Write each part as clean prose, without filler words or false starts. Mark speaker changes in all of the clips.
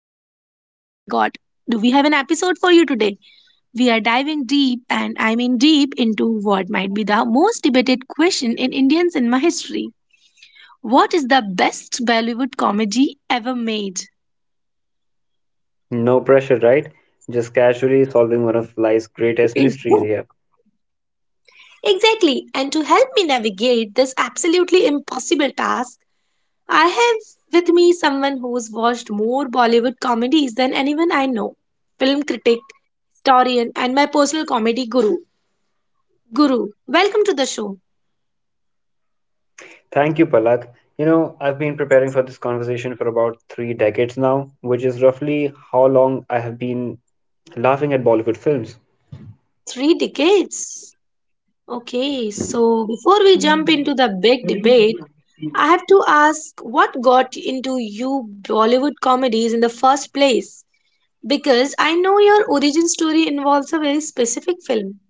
Speaker 1: Palak and oh my god, do we have an episode for you today? We are diving deep and I mean deep into what might be the most debated question in Indian cinema history. What is the best Bollywood comedy ever made?
Speaker 2: No pressure, right? Just casually solving one of life's greatest mysteries here.
Speaker 1: Exactly. And to help me navigate this absolutely impossible task, I have with me someone who's watched more Bollywood comedies than anyone I know. Film critic, historian, and my personal comedy guru. Guru, welcome to the show.
Speaker 2: Thank you, Palak. You know, I've been preparing for this conversation for about three decades now, which is roughly how long I have been laughing at Bollywood films.
Speaker 1: Three decades. Okay, so before we jump into the big debate, I have to ask what got into you Bollywood comedies in the first place? Because I know your origin story involves a very specific film,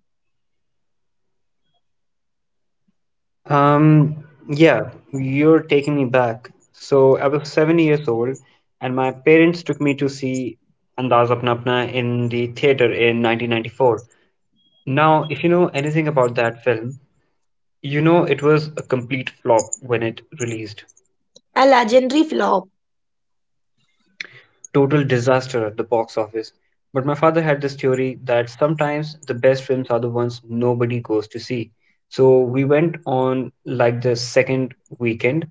Speaker 2: Um, yeah, you're taking me back. So I was 7 years old, and my parents took me to see Andaz Apna Apna in the theater in 1994. Now, if you know anything about that film, you know, it was a complete flop when it released.
Speaker 1: a legendary flop.
Speaker 2: Total disaster at the box office. But my father had this theory that sometimes the best films are the ones nobody goes to see. So we went on like the second weekend,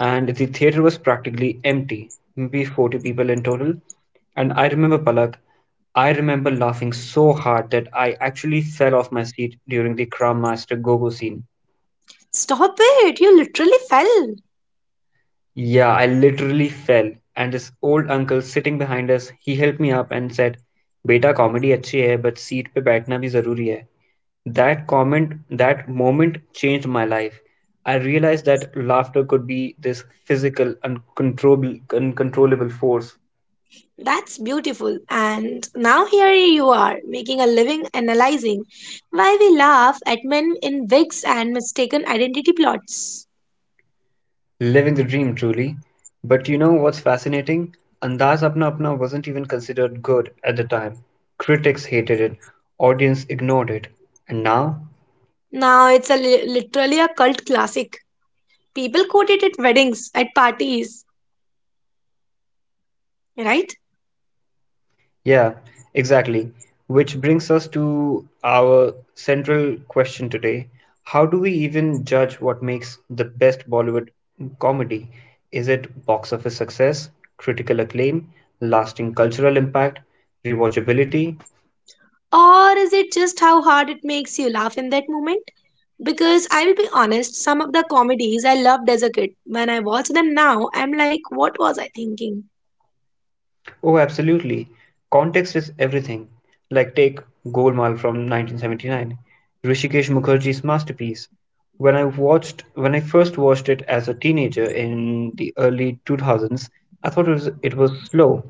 Speaker 2: and the theater was practically empty, maybe 40 people in total. And I remember, Palak, I remember laughing so hard that I actually fell off my seat during the Kram Master Gogo scene.
Speaker 1: Stop it, you literally fell.
Speaker 2: Yeah, I literally fell. And this old uncle sitting behind us, he helped me up and said, बेटा comedy अच्छी है but seat पे बैठना भी जरूरी है. That comment, that moment changed my life. I realized that laughter could be this physical, uncontrollable force.
Speaker 1: That's beautiful. And now here you are, making a living analyzing why we laugh at men in wigs and mistaken identity plots.
Speaker 2: Living the dream, truly. But you know what's fascinating? Andaz Apna Apna wasn't even considered good at the time. Critics hated it, audience ignored it. And now?
Speaker 1: Now it's a literally a cult classic. People quote it at weddings, at parties, right?
Speaker 2: Yeah, exactly. Which brings us to our central question today. How do we even judge what makes the best Bollywood comedy? Is it box office success, critical acclaim, lasting cultural impact, rewatchability?
Speaker 1: Or is it just how hard it makes you laugh in that moment? Because I will be honest, some of the comedies I loved as a kid, when I watch them now, I'm like, what was I thinking?
Speaker 2: Oh, absolutely. Context is everything. Like take Golmaal from 1979, Rishikesh Mukherjee's masterpiece. When I first watched it as a teenager in the early 2000s, I thought it was slow.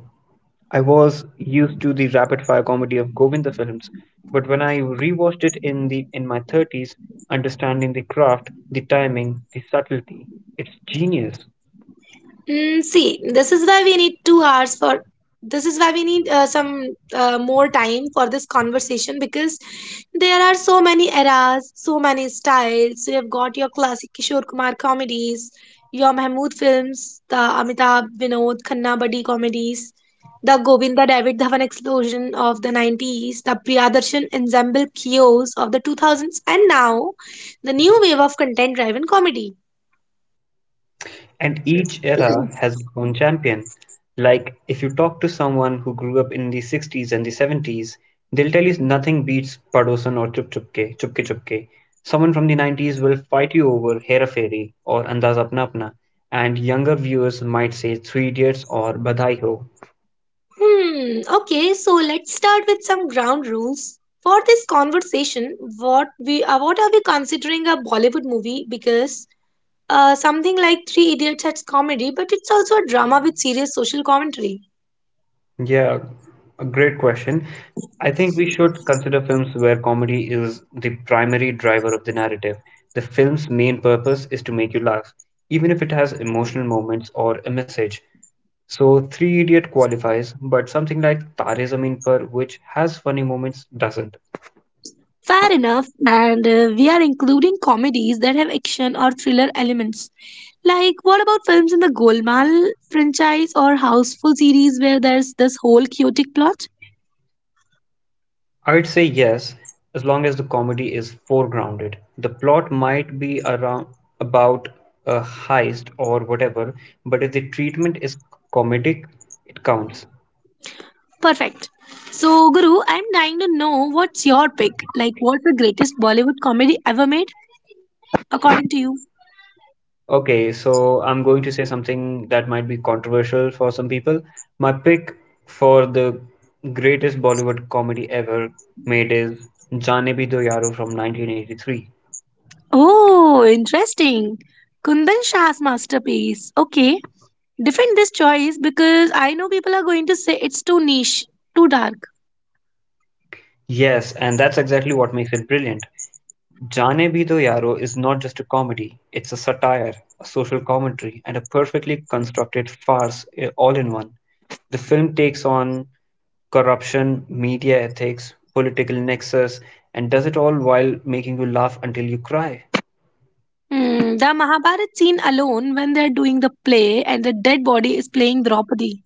Speaker 2: I was used to the rapid-fire comedy of Govinda films, but when I rewatched it in the in my 30s, understanding the craft, the timing, the subtlety, it's genius.
Speaker 1: Mm, see, this is why we need 2 hours for. This is why we need some more time for this conversation because there are so many eras, so many styles. You have got your classic Kishore Kumar comedies, your Mahmood films, the Amitabh Vinod Khanna Buddy comedies, the Govinda David Dhawan explosion of the 90s, the Priyadarshan ensemble chaos of the 2000s, and now the new wave of content driven comedy.
Speaker 2: And each era has its own champion. Like, if you talk to someone who grew up in the 60s and the 70s, they'll tell you nothing beats Padosan or Chupke Chupke. Someone from the 90s will fight you over Hera Fairy or Andaz Apna Apna, and younger viewers might say Three Idiots or Badai Ho.
Speaker 1: Hmm, okay, so let's start with some ground rules. For this conversation, what are we considering a Bollywood movie? Because something like Three Idiots has comedy, but it's also a drama with serious social commentary.
Speaker 2: Yeah, a great question. I think we should consider films where comedy is the primary driver of the narrative. The film's main purpose is to make you laugh, even if it has emotional moments or a message. So, Three Idiot qualifies, but something like Tare Zameen Par, which has funny moments, doesn't.
Speaker 1: Fair enough, and we are including comedies that have action or thriller elements. Like, what about films in the Golmaal franchise or Houseful series where there's this whole chaotic plot?
Speaker 2: I'd say yes, as long as the comedy is foregrounded. The plot might be around about a heist or whatever, but if the treatment is comedic, it counts.
Speaker 1: Perfect. So, Guru, I'm dying to know what's your pick? Like, what's the greatest Bollywood comedy ever made, according to you?
Speaker 2: Okay, so I'm going to say something that might be controversial for some people. My pick for the greatest Bollywood comedy ever made is Jaane Bhi Do Yaro from 1983.
Speaker 1: Oh, interesting. Kundan Shah's masterpiece. Okay. Defend this choice because I know people are going to say it's too niche, too dark.
Speaker 2: Yes, and that's exactly what makes it brilliant. Jaane Bhi Do Yaro is not just a comedy, it's a satire, a social commentary, and a perfectly constructed farce, all in one. The film takes on corruption, media ethics, political nexus, and does it all while making you laugh until you cry.
Speaker 1: Hmm, the Mahabharat scene alone, when they're doing the play and the dead body is playing Draupadi.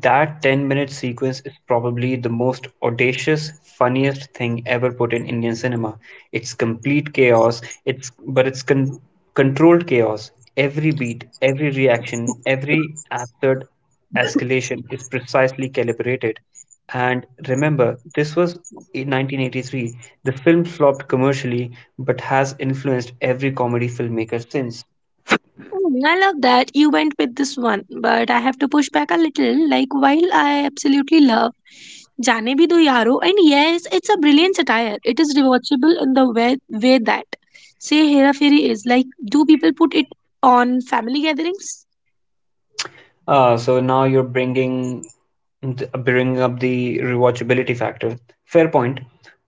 Speaker 2: That 10-minute sequence is probably the most audacious, funniest thing ever put in Indian cinema. It's complete chaos. It's controlled chaos. Every beat, every reaction, every absurd escalation is precisely calibrated. And remember, this was in 1983. The film flopped commercially, but has influenced every comedy filmmaker since.
Speaker 1: Mm, I love that you went with this one, but I have to push back a little. Like, while I absolutely love Jaane Bhi Do Yaro, and yes, it's a brilliant satire. It is rewatchable in the way that, say, Hera Fairy is. Like, do people put it on family gatherings?
Speaker 2: So now you're bringing up the rewatchability factor. Fair point.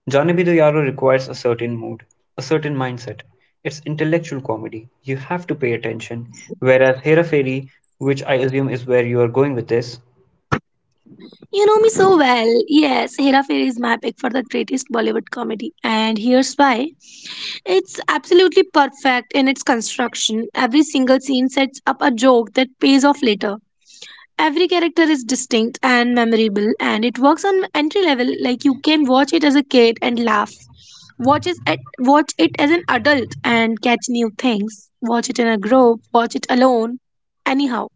Speaker 2: Johnny B. Yaro requires a certain mood, a certain mindset. It's intellectual comedy. You have to pay attention. Whereas Hera Fairy, which I assume is where you are going with this,
Speaker 1: You know me so well. Yes, Hera Fairy is my pick for the greatest Bollywood comedy, and here's why. It's absolutely perfect in its construction. Every single scene sets up a joke that pays off later. Every character is distinct and memorable and it works on entry level. Like, you can watch it as a kid and laugh, watch it as an adult and catch new things, watch it in a group, watch it alone, anyhow.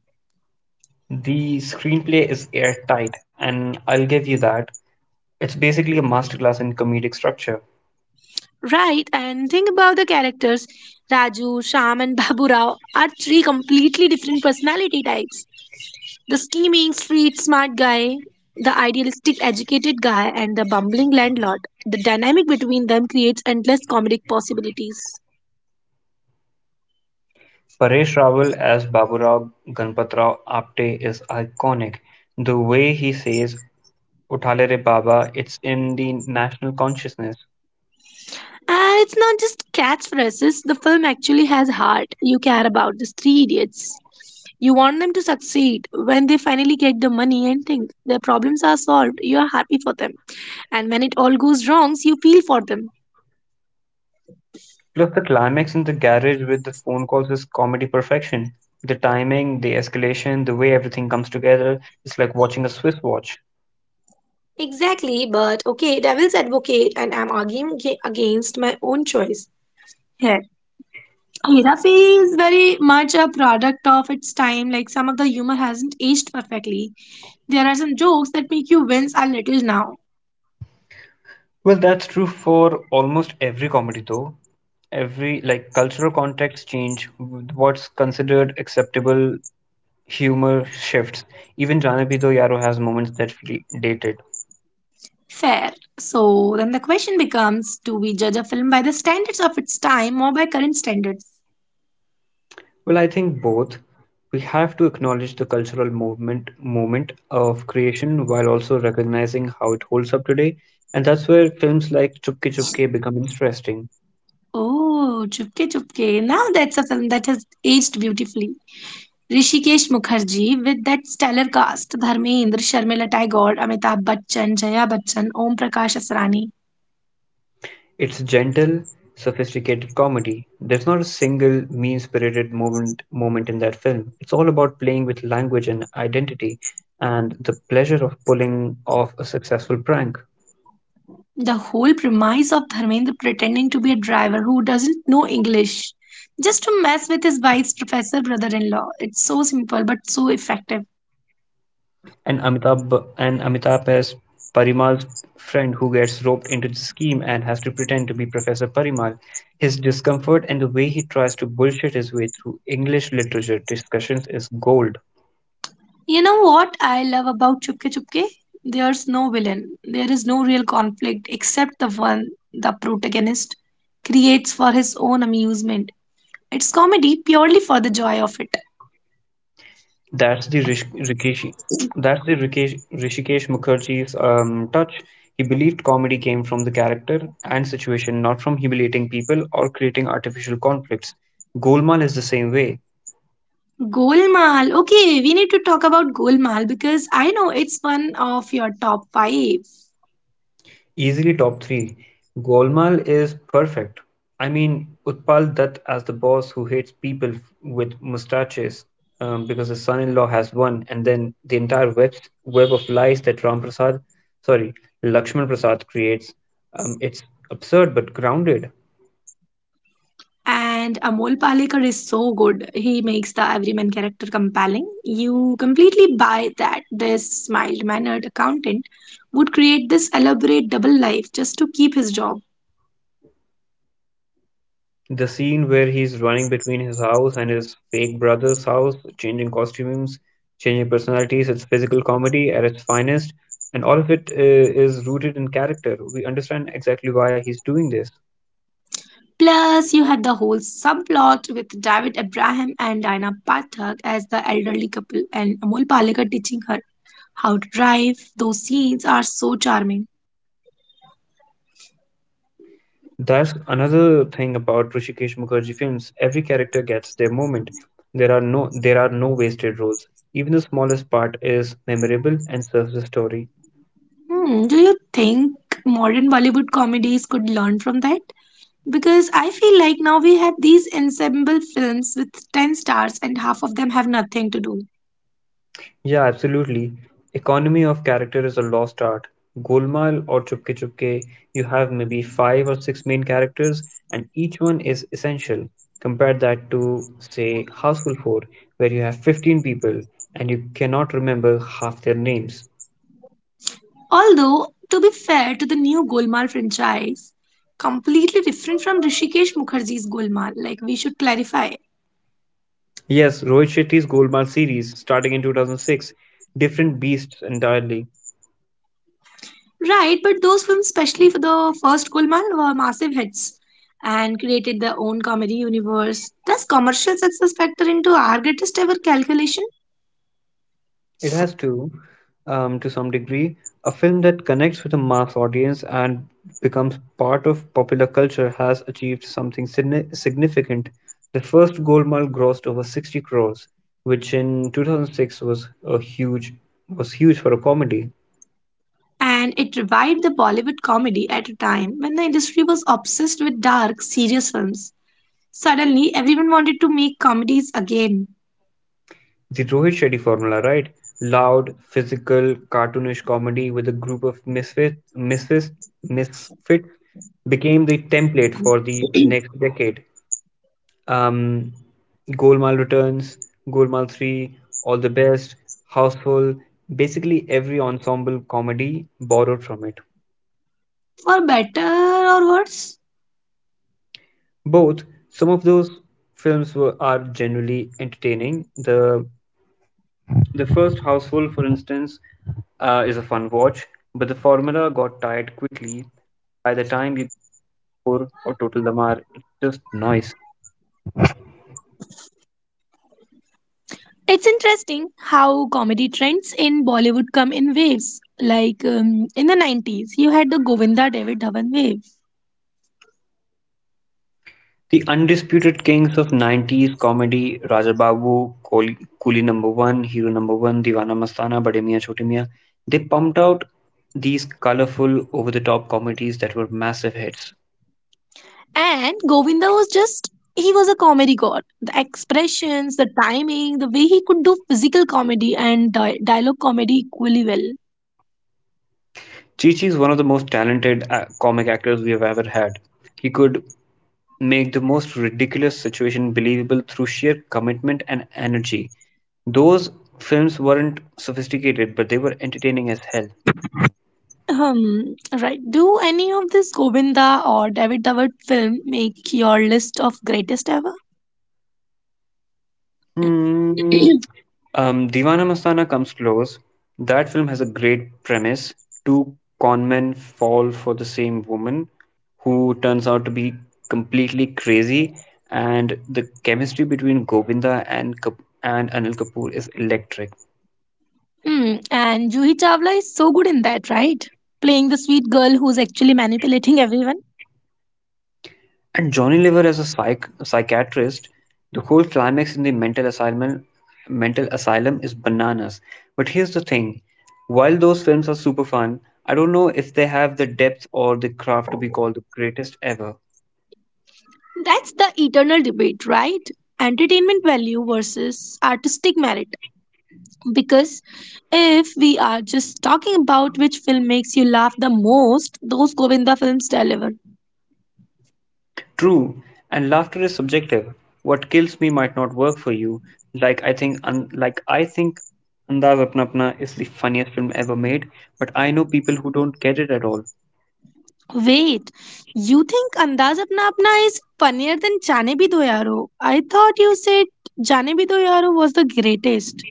Speaker 2: the screenplay is airtight, and I'll give you that. It's basically a masterclass in comedic structure.
Speaker 1: Right, and think about the characters, Raju, Sham and Babu Rao are three completely different personality types: the scheming street smart guy, the idealistic educated guy and the bumbling landlord. The dynamic between them creates endless comedic possibilities.
Speaker 2: Paresh Rawal as Baburao Ganpat Rao Apte is iconic. The way he says Uthale Re Baba, it's in the national consciousness.
Speaker 1: And it's not just catchphrases, the film actually has heart. You care about these three idiots. You want them to succeed. When they finally get the money and think their problems are solved, you are happy for them. And when it all goes wrong, you feel for them.
Speaker 2: Plus, the climax in the garage with the phone calls is comedy perfection. The timing, the escalation, the way everything comes together, it's like watching a Swiss watch.
Speaker 1: Exactly, but okay, devil's advocate, and I'm arguing against my own choice here. Hirafi is very much a product of its time. Like, some of the humor hasn't aged perfectly. There are some jokes that make you wince a little now.
Speaker 2: Well, that's true for almost every comedy, though. Every, like, cultural contexts change, what's considered acceptable humor shifts. Even Janabi Do Yaro has moments that feel dated.
Speaker 1: Fair. So then the question becomes, do we judge a film by the standards of its time or by current standards?
Speaker 2: Well, I think both. We have to acknowledge the cultural movement moment of creation while also recognizing how it holds up today, and that's where films like Chupke Chupke become interesting.
Speaker 1: Oh, Chupke Chupke. Now that's a film that has aged beautifully. Rishikesh Mukherjee with that stellar cast: Dharmendra, Sharmila Tagore, Amitabh Bachchan, Jaya Bachchan, Om Prakash Asrani.
Speaker 2: It's gentle, sophisticated comedy. There's not a single mean-spirited moment in that film. It's all about playing with language and identity and the pleasure of pulling off a successful prank.
Speaker 1: The whole premise of Dharmendra pretending to be a driver who doesn't know English just to mess with his wife's professor brother in law. It's so simple but so effective.
Speaker 2: And Amitabh as Parimal's friend who gets roped into the scheme and has to pretend to be Professor Parimal. His discomfort and the way he tries to bullshit his way through English literature discussions is gold.
Speaker 1: You know what I love about Chupke Chupke? There's no villain. There is no real conflict except the one the protagonist creates for his own amusement. It's comedy purely for the joy of it.
Speaker 2: That's the Rish- Rikishi. That's the Rikesh, Rishikesh Mukherjee's touch. He believed comedy came from the character and situation, not from humiliating people or creating artificial conflicts. Golmaal is the same way.
Speaker 1: Golmaal. Okay, we need to talk about Golmaal because I know it's one of your top five.
Speaker 2: Easily top three. Golmaal is perfect. I mean, Utpal Dutt as the boss who hates people with mustaches because his son-in-law has one, and then the entire web of lies that sorry, Lakshman Prasad creates. It's absurd but grounded.
Speaker 1: And Amol Palekar is so good. He makes the everyman character compelling. You completely buy that this mild-mannered accountant would create this elaborate double life just to keep his job.
Speaker 2: The scene where he's running between his house and his fake brother's house, changing costumes, changing personalities, it's physical comedy at its finest, and all of it is rooted in character. We understand exactly why he's doing this.
Speaker 1: Plus, you had the whole subplot with David Abraham and Diana Pathak as the elderly couple, and Amol Palekar teaching her how to drive. Those scenes are so charming.
Speaker 2: That's another thing about Rishikesh Mukherjee films. Every character gets their moment. There are no wasted roles. Even the smallest part is memorable and serves the story.
Speaker 1: Hmm, do you think modern Bollywood comedies could learn from that? Because I feel like now we have these ensemble films with 10 stars and half of them have nothing to do.
Speaker 2: Yeah, absolutely. Economy of character is a lost art. Golmaal or Chupke Chupke, you have maybe five or six main characters, and each one is essential. Compare that to, say, Houseful 4, where you have 15 people and you cannot remember half their names.
Speaker 1: Although, to be fair to the new Golmaal franchise, completely different from Rishikesh Mukherjee's Golmaal, like we should clarify.
Speaker 2: Yes, Rohit Shetty's Golmaal series, starting in 2006, different beasts entirely.
Speaker 1: Right, but those films, especially for the first Golmaal, were massive hits and created their own comedy universe. Does commercial success factor into our greatest ever calculation?
Speaker 2: It has to some degree, a film that connects with a mass audience and becomes part of popular culture has achieved something significant. The first Golmaal grossed over 60 crores, which in 2006 was a huge was huge for a comedy.
Speaker 1: And it revived the Bollywood comedy at a time when the industry was obsessed with dark, serious films. Suddenly, everyone wanted to make comedies again,
Speaker 2: The Rohit Shetty formula, right? Loud, physical, cartoonish comedy with a group of misfits became the template for the next decade. um, Golmaal Returns, Golmaal 3, All the Best, Houseful, basically every ensemble comedy borrowed from it.
Speaker 1: for better or worse.
Speaker 2: Both, some of those films are generally entertaining. The first Houseful, for instance, is a fun watch, but the formula got tired quickly. By the time you get to four or Total Damar, it's just noise.
Speaker 1: It's interesting how comedy trends in Bollywood come in waves. Like in the 90s, you had the Govinda David Dhawan wave.
Speaker 2: The undisputed kings of nineties comedy Rajababu, Coolie Number One, Hero Number One, Deewana Mastana, Bade Miyan Chote Miyan. They pumped out these colorful, over-the-top comedies that were massive hits.
Speaker 1: And Govinda was just, he was a comedy god. The expressions, the timing, the way he could do physical comedy and dialogue comedy equally well.
Speaker 2: Chi-Chi is one of the most talented comic actors we have ever had. He could make the most ridiculous situation believable through sheer commitment and energy. Those films weren't sophisticated, but they were entertaining as hell.
Speaker 1: Right. Do any of this Govinda or David Dhawan film make your list of greatest ever?
Speaker 2: Hmm. Deewana Mastana comes close. That film has a great premise. Two con men fall for the same woman who turns out to be completely crazy, and the chemistry between Govinda and Anil Kapoor is electric.
Speaker 1: Hmm. And Juhi Chawla is so good in that, right? Playing the sweet girl who's actually manipulating everyone.
Speaker 2: And Johnny Lever as a psychiatrist, the whole climax in the mental asylum is bananas. But here's the thing. While those films are super fun, I don't know if they have the depth or the craft to be called the greatest ever.
Speaker 1: That's the eternal debate, right? Entertainment value versus artistic merit. Because if we are just talking about which film makes you laugh the most, those Govinda films deliver.
Speaker 2: True, and laughter is subjective. What kills me might not work for you. Like I think Andaz Apna Apna is the funniest film ever made, but I know people who don't get it at all.
Speaker 1: Wait, you think Andaz Apna Apna is funnier than Jaane Bhi Do Yaaro? I thought you said Jaane Bhi Do Yaaro was the greatest.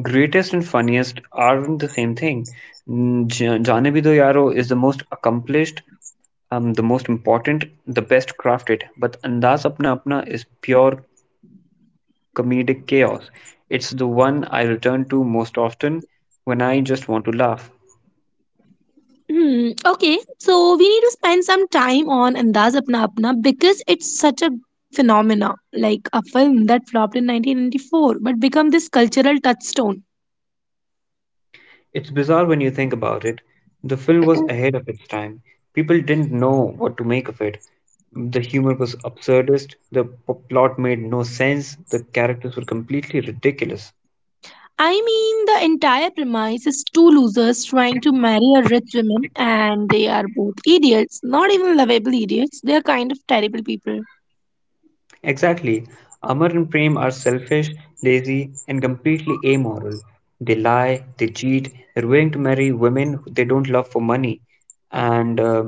Speaker 2: Greatest and funniest aren't the same thing. Jaane Bhi Do Yaaro is the most accomplished, the most important, the best crafted, but Andaz Apna Apna is pure comedic chaos. It's the one I return to most often when I just want to laugh.
Speaker 1: Hmm, okay, so we need to spend some time on Andaz Apna Apna because it's such a phenomena, like a film that flopped in 1994 but become this cultural touchstone.
Speaker 2: It's bizarre when you think about it. The film was ahead of its time. People didn't know what to make of it. The humor was absurdist, the plot made no sense, the characters were completely ridiculous.
Speaker 1: I mean, the entire premise is two losers trying to marry a rich woman, and they are both idiots. Not even lovable idiots, they are kind of terrible people.
Speaker 2: Exactly. Amar and Prem are selfish, lazy, and completely amoral. They lie, they cheat, they're willing to marry women they don't love for money. And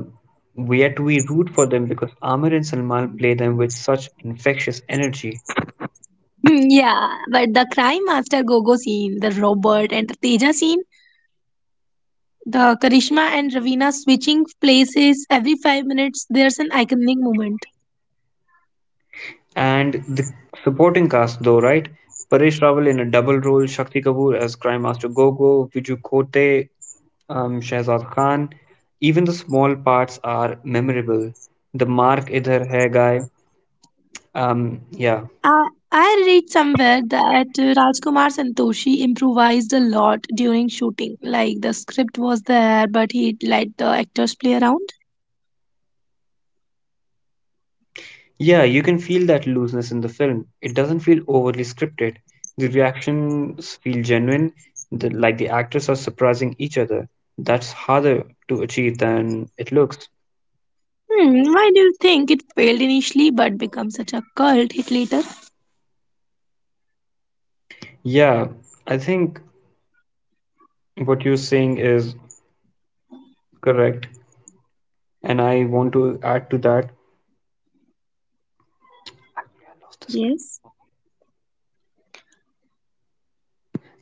Speaker 2: Yet we root for them because Amar and Salman play them with such infectious energy.
Speaker 1: Hmm, yeah, but the Crime Master Gogo scene, the Robert and the Teja scene, the Karishma and Ravina switching places every 5 minutes, there's an iconic moment.
Speaker 2: And the supporting cast, though, right? Paresh Rawal in a double role, Shakti Kapoor as Crime Master Gogo, Viju Kote, Shehzad Khan. Even the small parts are memorable. The Mark Idhar Hai guy. Yeah.
Speaker 1: I read somewhere that Rajkumar Santoshi improvised a lot during shooting. Like, the script was there, but he let the actors play around.
Speaker 2: Yeah, you can feel that looseness in the film. It doesn't feel overly scripted. The reactions feel genuine, like the actors are surprising each other. That's harder to achieve than it looks.
Speaker 1: Hmm, why do you think it failed initially but became such a cult hit later?
Speaker 2: Yeah, I think what you're saying is correct, and I want to add to that. I lost the script.
Speaker 1: Yes.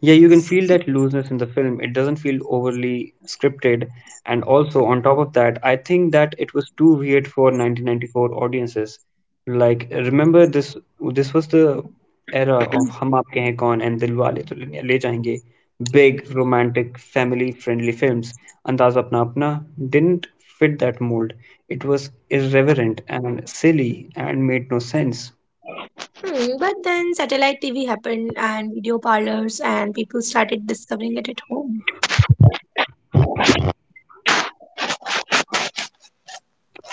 Speaker 2: Yeah, you can feel that looseness in the film. It doesn't feel overly scripted. And also, on top of that, I think that it was too weird for 1994 audiences. Like, remember this was the era of Hum Aapke Hain Kaun and Dilwale Dulhaniya Le Jayenge, big romantic family-friendly films. Andaz Apna Apna didn't fit that mold. It was irreverent and silly and made no sense.
Speaker 1: Hmm, but then satellite TV happened and video parlors and people started discovering it at home.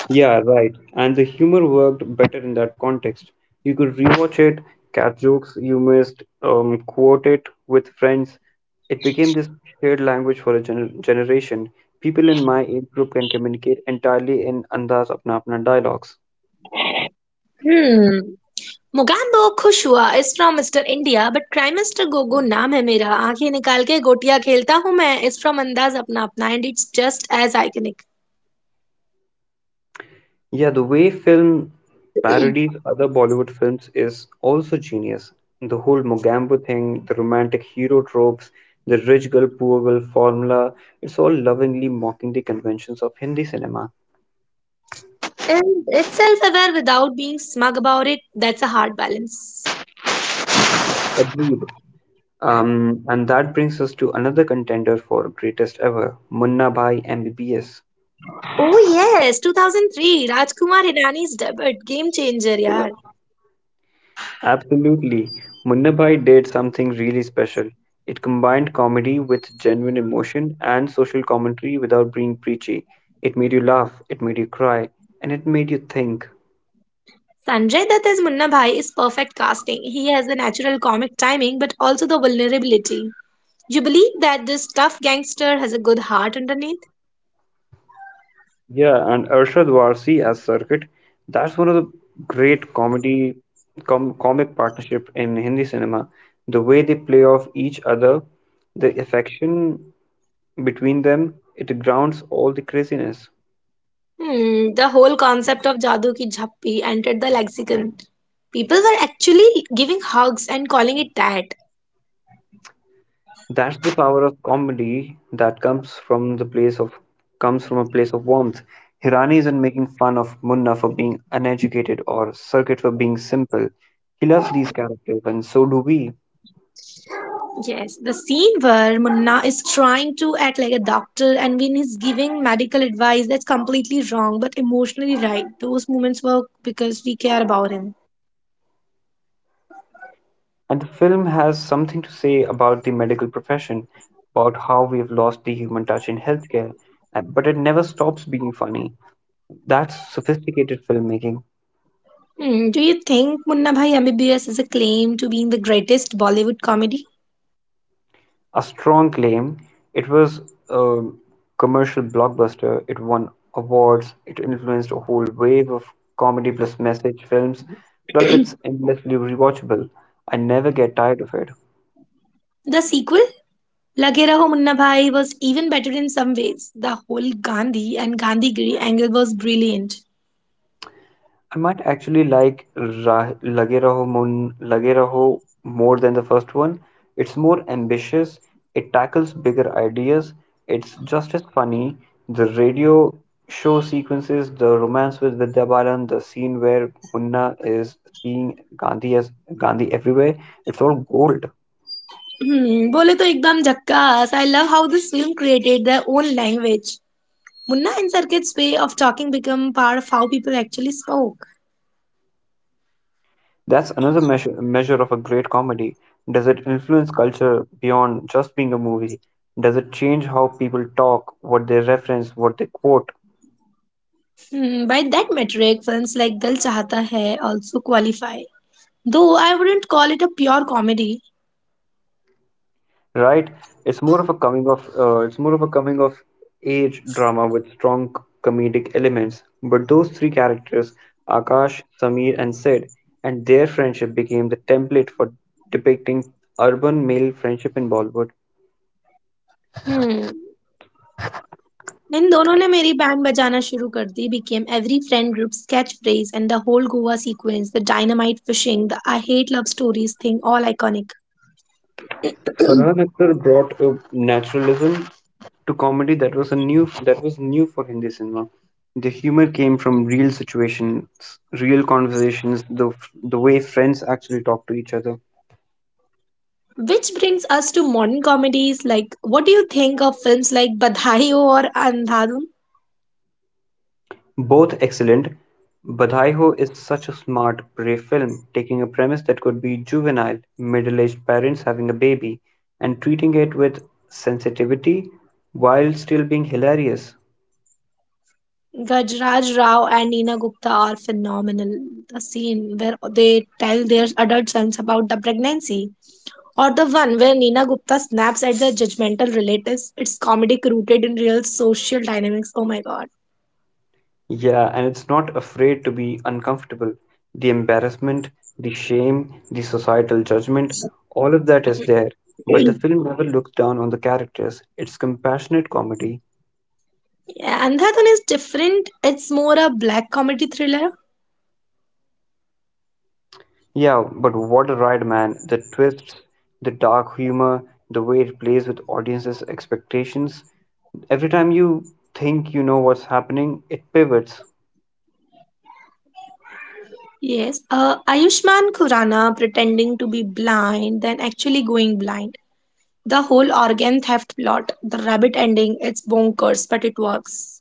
Speaker 2: Yeah, right. And the humor worked better in that context. You could rewatch it, catch jokes you missed, quote it with friends. It became this shared language for a generation. People in my age group can communicate entirely in Andaz Apna Apna dialogues.
Speaker 1: Hmm. Mugham do khushua. It's from Mr. India, but Prime Mr. Gogo naam hai mere. Aake nikalke gootiya khelta hu main. It's from Andaz, apna apna, and it's just as iconic.
Speaker 2: Yeah, the way film parodies other Bollywood films is also genius. The whole Mogambo thing, the romantic hero tropes, the rich girl, poor girl formula, it's all lovingly mocking the conventions of Hindi cinema.
Speaker 1: And itself aware without being smug about it. That's a hard balance.
Speaker 2: Agreed. And that brings us to another contender for greatest ever, Munna Bhai MBBS.
Speaker 1: Oh yes, 2003. Rajkumar Hirani's debut game changer, yar.
Speaker 2: Absolutely. Munna Bhai did something really special. It combined comedy with genuine emotion and social commentary without being preachy. It made you laugh, it made you cry, and it made you think.
Speaker 1: Sanjay Dutt as Munna Bhai is perfect casting. He has the natural comic timing but also the vulnerability. You believe that this tough gangster has a good heart underneath?
Speaker 2: Yeah, and Arshad Varsi as Circuit, that's one of the great comedy com comic partnership in Hindi cinema. The way they play off each other, the affection between them, it grounds all the craziness.
Speaker 1: Hmm, the whole concept of Jadoo Ki Jhappi entered the lexicon. People were actually giving hugs and calling it that.
Speaker 2: That's the power of comedy that comes from the place of comes from a place of warmth. Hirani isn't making fun of Munna for being uneducated or Circuit for being simple. He loves these characters, and so do we.
Speaker 1: Yes, the scene where Munna is trying to act like a doctor and when he's giving medical advice that's completely wrong but emotionally right. Those moments work because we care about him.
Speaker 2: And the film has something to say about the medical profession, about how we've lost the human touch in healthcare, but it never stops being funny. That's sophisticated filmmaking.
Speaker 1: Hmm, do you think Munna Bhai MBBS is a claim to being the greatest Bollywood comedy?
Speaker 2: A strong claim. It was a commercial blockbuster. It won awards. It influenced a whole wave of comedy plus message films. Plus, it's endlessly rewatchable. I never get tired of it.
Speaker 1: The sequel, Lage Raho Munna Bhai, was even better in some ways. The whole Gandhi and Gandhigiri angle was brilliant.
Speaker 2: I might actually like Lage Raho more than the first one. It's more ambitious, it tackles bigger ideas, it's just as funny. The radio show sequences, the romance with Vidya Balan, the scene where Munna is seeing Gandhi as Gandhi everywhere, it's all gold.
Speaker 1: Hmm, bole to ekdam jackass. I love how this film created their own language. Munna and Sarkit's way of talking become part of how people actually spoke.
Speaker 2: That's another measure of a great comedy. Does it influence culture beyond just being a movie? Does it change how people talk, what they reference, what they quote?
Speaker 1: Hmm, by that metric, films like Dil Chahata Hai also qualify. Though I wouldn't call it a pure comedy.
Speaker 2: Right? It's more of a coming of it's more of a coming of age drama with strong comedic elements. But those three characters, Akash, Samir, and Sid, and their friendship became the template for depicting urban male friendship in Bollywood.
Speaker 1: Hmm. इन दोनों ने मेरी band बजाना शुरू कर दी became every friend group sketch phrase and the whole Goa sequence, the dynamite fishing, the I hate love stories thing, all iconic.
Speaker 2: Farhan Akhtar brought a naturalism to comedy that was a new that was new for Hindi cinema. The humor came from real situations, real conversations, the way friends actually talk to each other.
Speaker 1: Which brings us to modern comedies. Like, what do you think of films like Badhai Ho or Andhadhun?
Speaker 2: Both excellent, Badhai Ho is such a smart, brave film, taking a premise that could be juvenile, middle-aged parents having a baby, and treating it with sensitivity while still being hilarious.
Speaker 1: Gajraj Rao and Nina Gupta are phenomenal. The scene where they tell their adult sons about the pregnancy, or the one where Nina Gupta snaps at the judgmental relatives, it's comedic rooted in real social dynamics. Oh my god.
Speaker 2: Yeah, and it's not afraid to be uncomfortable. The embarrassment, the shame, the societal judgment, all of that is there. But the film never looks down on the characters. It's compassionate comedy.
Speaker 1: Yeah, and that one is different. It's more a black comedy thriller.
Speaker 2: Yeah, but what a ride, man. The twists, the dark humor, the way it plays with audiences' expectations. Every time you think you know what's happening, it pivots.
Speaker 1: Yes, Ayushman Khurrana pretending to be blind, then actually going blind. The whole organ theft plot, the rabbit ending, it's bonkers, but it works.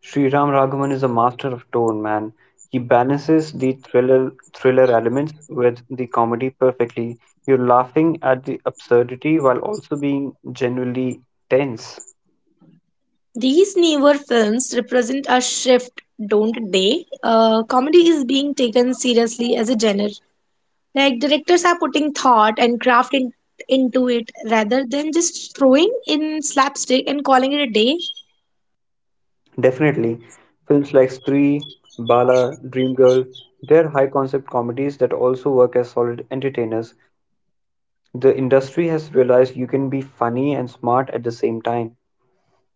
Speaker 2: Sri Ram Raghavan is a master of tone, man. He balances the thriller elements with the comedy perfectly. You're laughing at the absurdity while also being genuinely tense.
Speaker 1: These newer films represent a shift, don't they? Comedy is being taken seriously as a genre. Like, directors are putting thought and craft into it rather than just throwing in slapstick and calling it a day.
Speaker 2: Definitely. Films like Stree, Bala, Dreamgirl, they're high concept comedies that also work as solid entertainers. The industry has realized you can be funny and smart at the same time,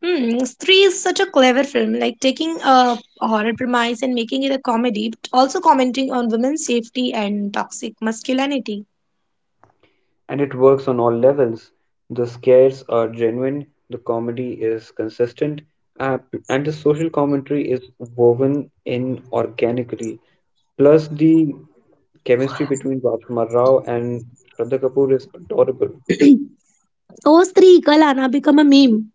Speaker 1: Hmm, Stree is such a clever film, like taking a horror premise and making it a comedy, but also commenting on women's safety and toxic masculinity.
Speaker 2: and it works on all levels. The scares are genuine, the comedy is consistent, uh, and the social commentary is woven in organically. Plus, the chemistry between Rajkumar Rao and Shraddha Kapoor is adorable.
Speaker 1: Oh, Stree Kalana become a meme.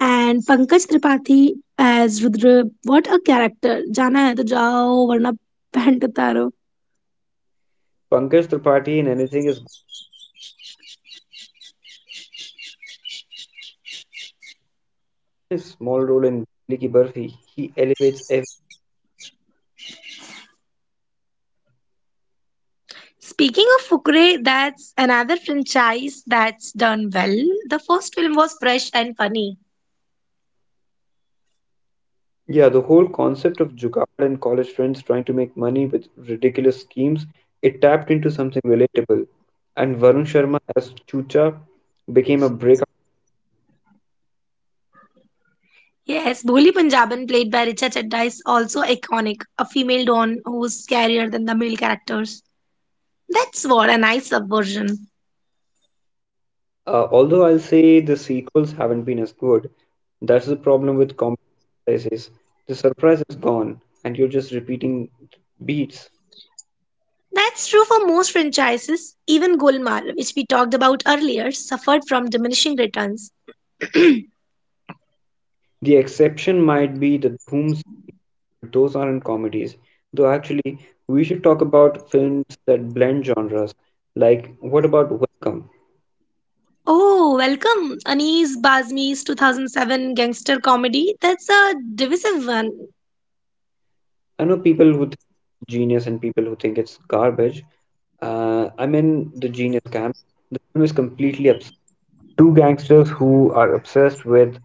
Speaker 1: And Pankaj Tripathi as Rudra, what a character. Jana hai to jao, varna pant utaro.
Speaker 2: Pankaj Tripathi in anything is his small role in Blicky Burphy, he elevates every.
Speaker 1: Speaking of Fukre, that's another franchise that's done well. The first film was fresh and funny.
Speaker 2: Yeah, the whole concept of Jugaad and college friends trying to make money with ridiculous schemes, it tapped into something relatable. And Varun Sharma as Chucha became a breakout.
Speaker 1: Yes, Bholi Punjaban, played by Richa Chadda, is also iconic, a female don who's scarier than the male characters. That's what a nice subversion.
Speaker 2: Although I'll say the sequels haven't been as good. That's the problem with comedy franchises. The surprise is gone, and you're just repeating beats.
Speaker 1: That's true for most franchises. Even Golmaal, which we talked about earlier, suffered from diminishing returns.
Speaker 2: The exception might be the Dhoom, those aren't comedies. Though actually, we should talk about films that blend genres. Like, what about Welcome?
Speaker 1: Oh, welcome. Anis Bazmi's 2007 gangster comedy. That's a divisive one.
Speaker 2: I know people who think it's genius and people who think it's garbage. I'm in the genius camp. The film is completely absurd. Two gangsters who are obsessed with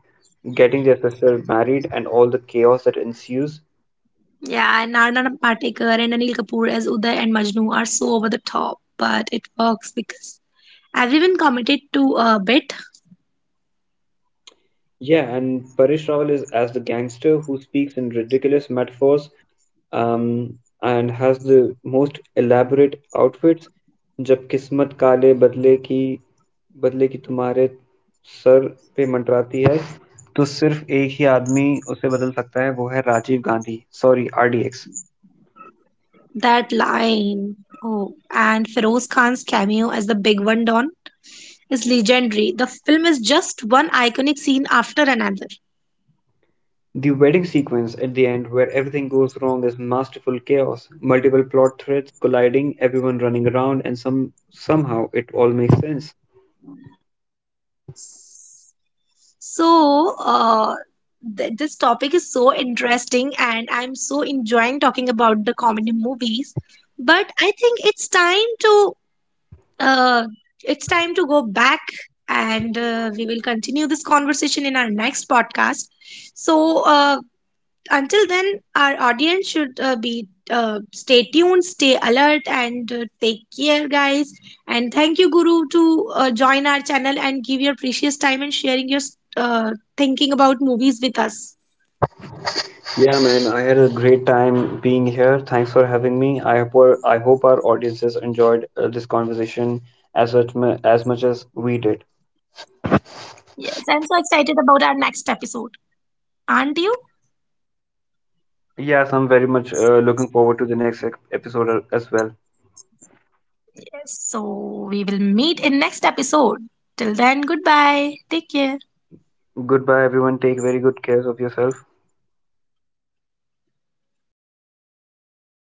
Speaker 2: getting their sister married and all the chaos that ensues.
Speaker 1: Yeah, and Narna Patekar and Anil Kapoor as Uday and Majnu are so over the top, but it works because everyone committed to a bit.
Speaker 2: Yeah, and Paresh Rawal is as the gangster who speaks in ridiculous metaphors, um, and has the most elaborate outfits. जब किस्मत काले बदले की तुम्हारे sir पे मंडराती है तो सिर्फ एक ही आदमी उसे बदल सकता है वो है Rajiv Gandhi sorry RDX.
Speaker 1: That line, oh, and Feroz Khan's cameo as the big one Don is legendary. The film is just one iconic scene after another.
Speaker 2: The wedding sequence at the end, where everything goes wrong, is masterful chaos. Multiple plot threads colliding, everyone running around, and somehow it all makes sense.
Speaker 1: So, this topic is so interesting, and I'm so enjoying talking about the comedy movies. But I think uh, it's time to go back, and we will continue this conversation in our next podcast. So, until then, our audience should be stay tuned, stay alert, and take care, guys. And thank you, Guru, to join our channel and give your precious time and sharing your uh, thinking about movies with us.
Speaker 2: Yeah, man, I had a great time being here. Thanks for having me. I hope our audiences enjoyed this conversation as as much as we did.
Speaker 1: Yes, I'm so excited about our next episode. Aren't you?
Speaker 2: Yes, I'm very much looking forward to the next episode as well.
Speaker 1: Yes. So we will meet in next episode. Till then, goodbye. Take care.
Speaker 2: Goodbye, everyone. Take very good care of yourself.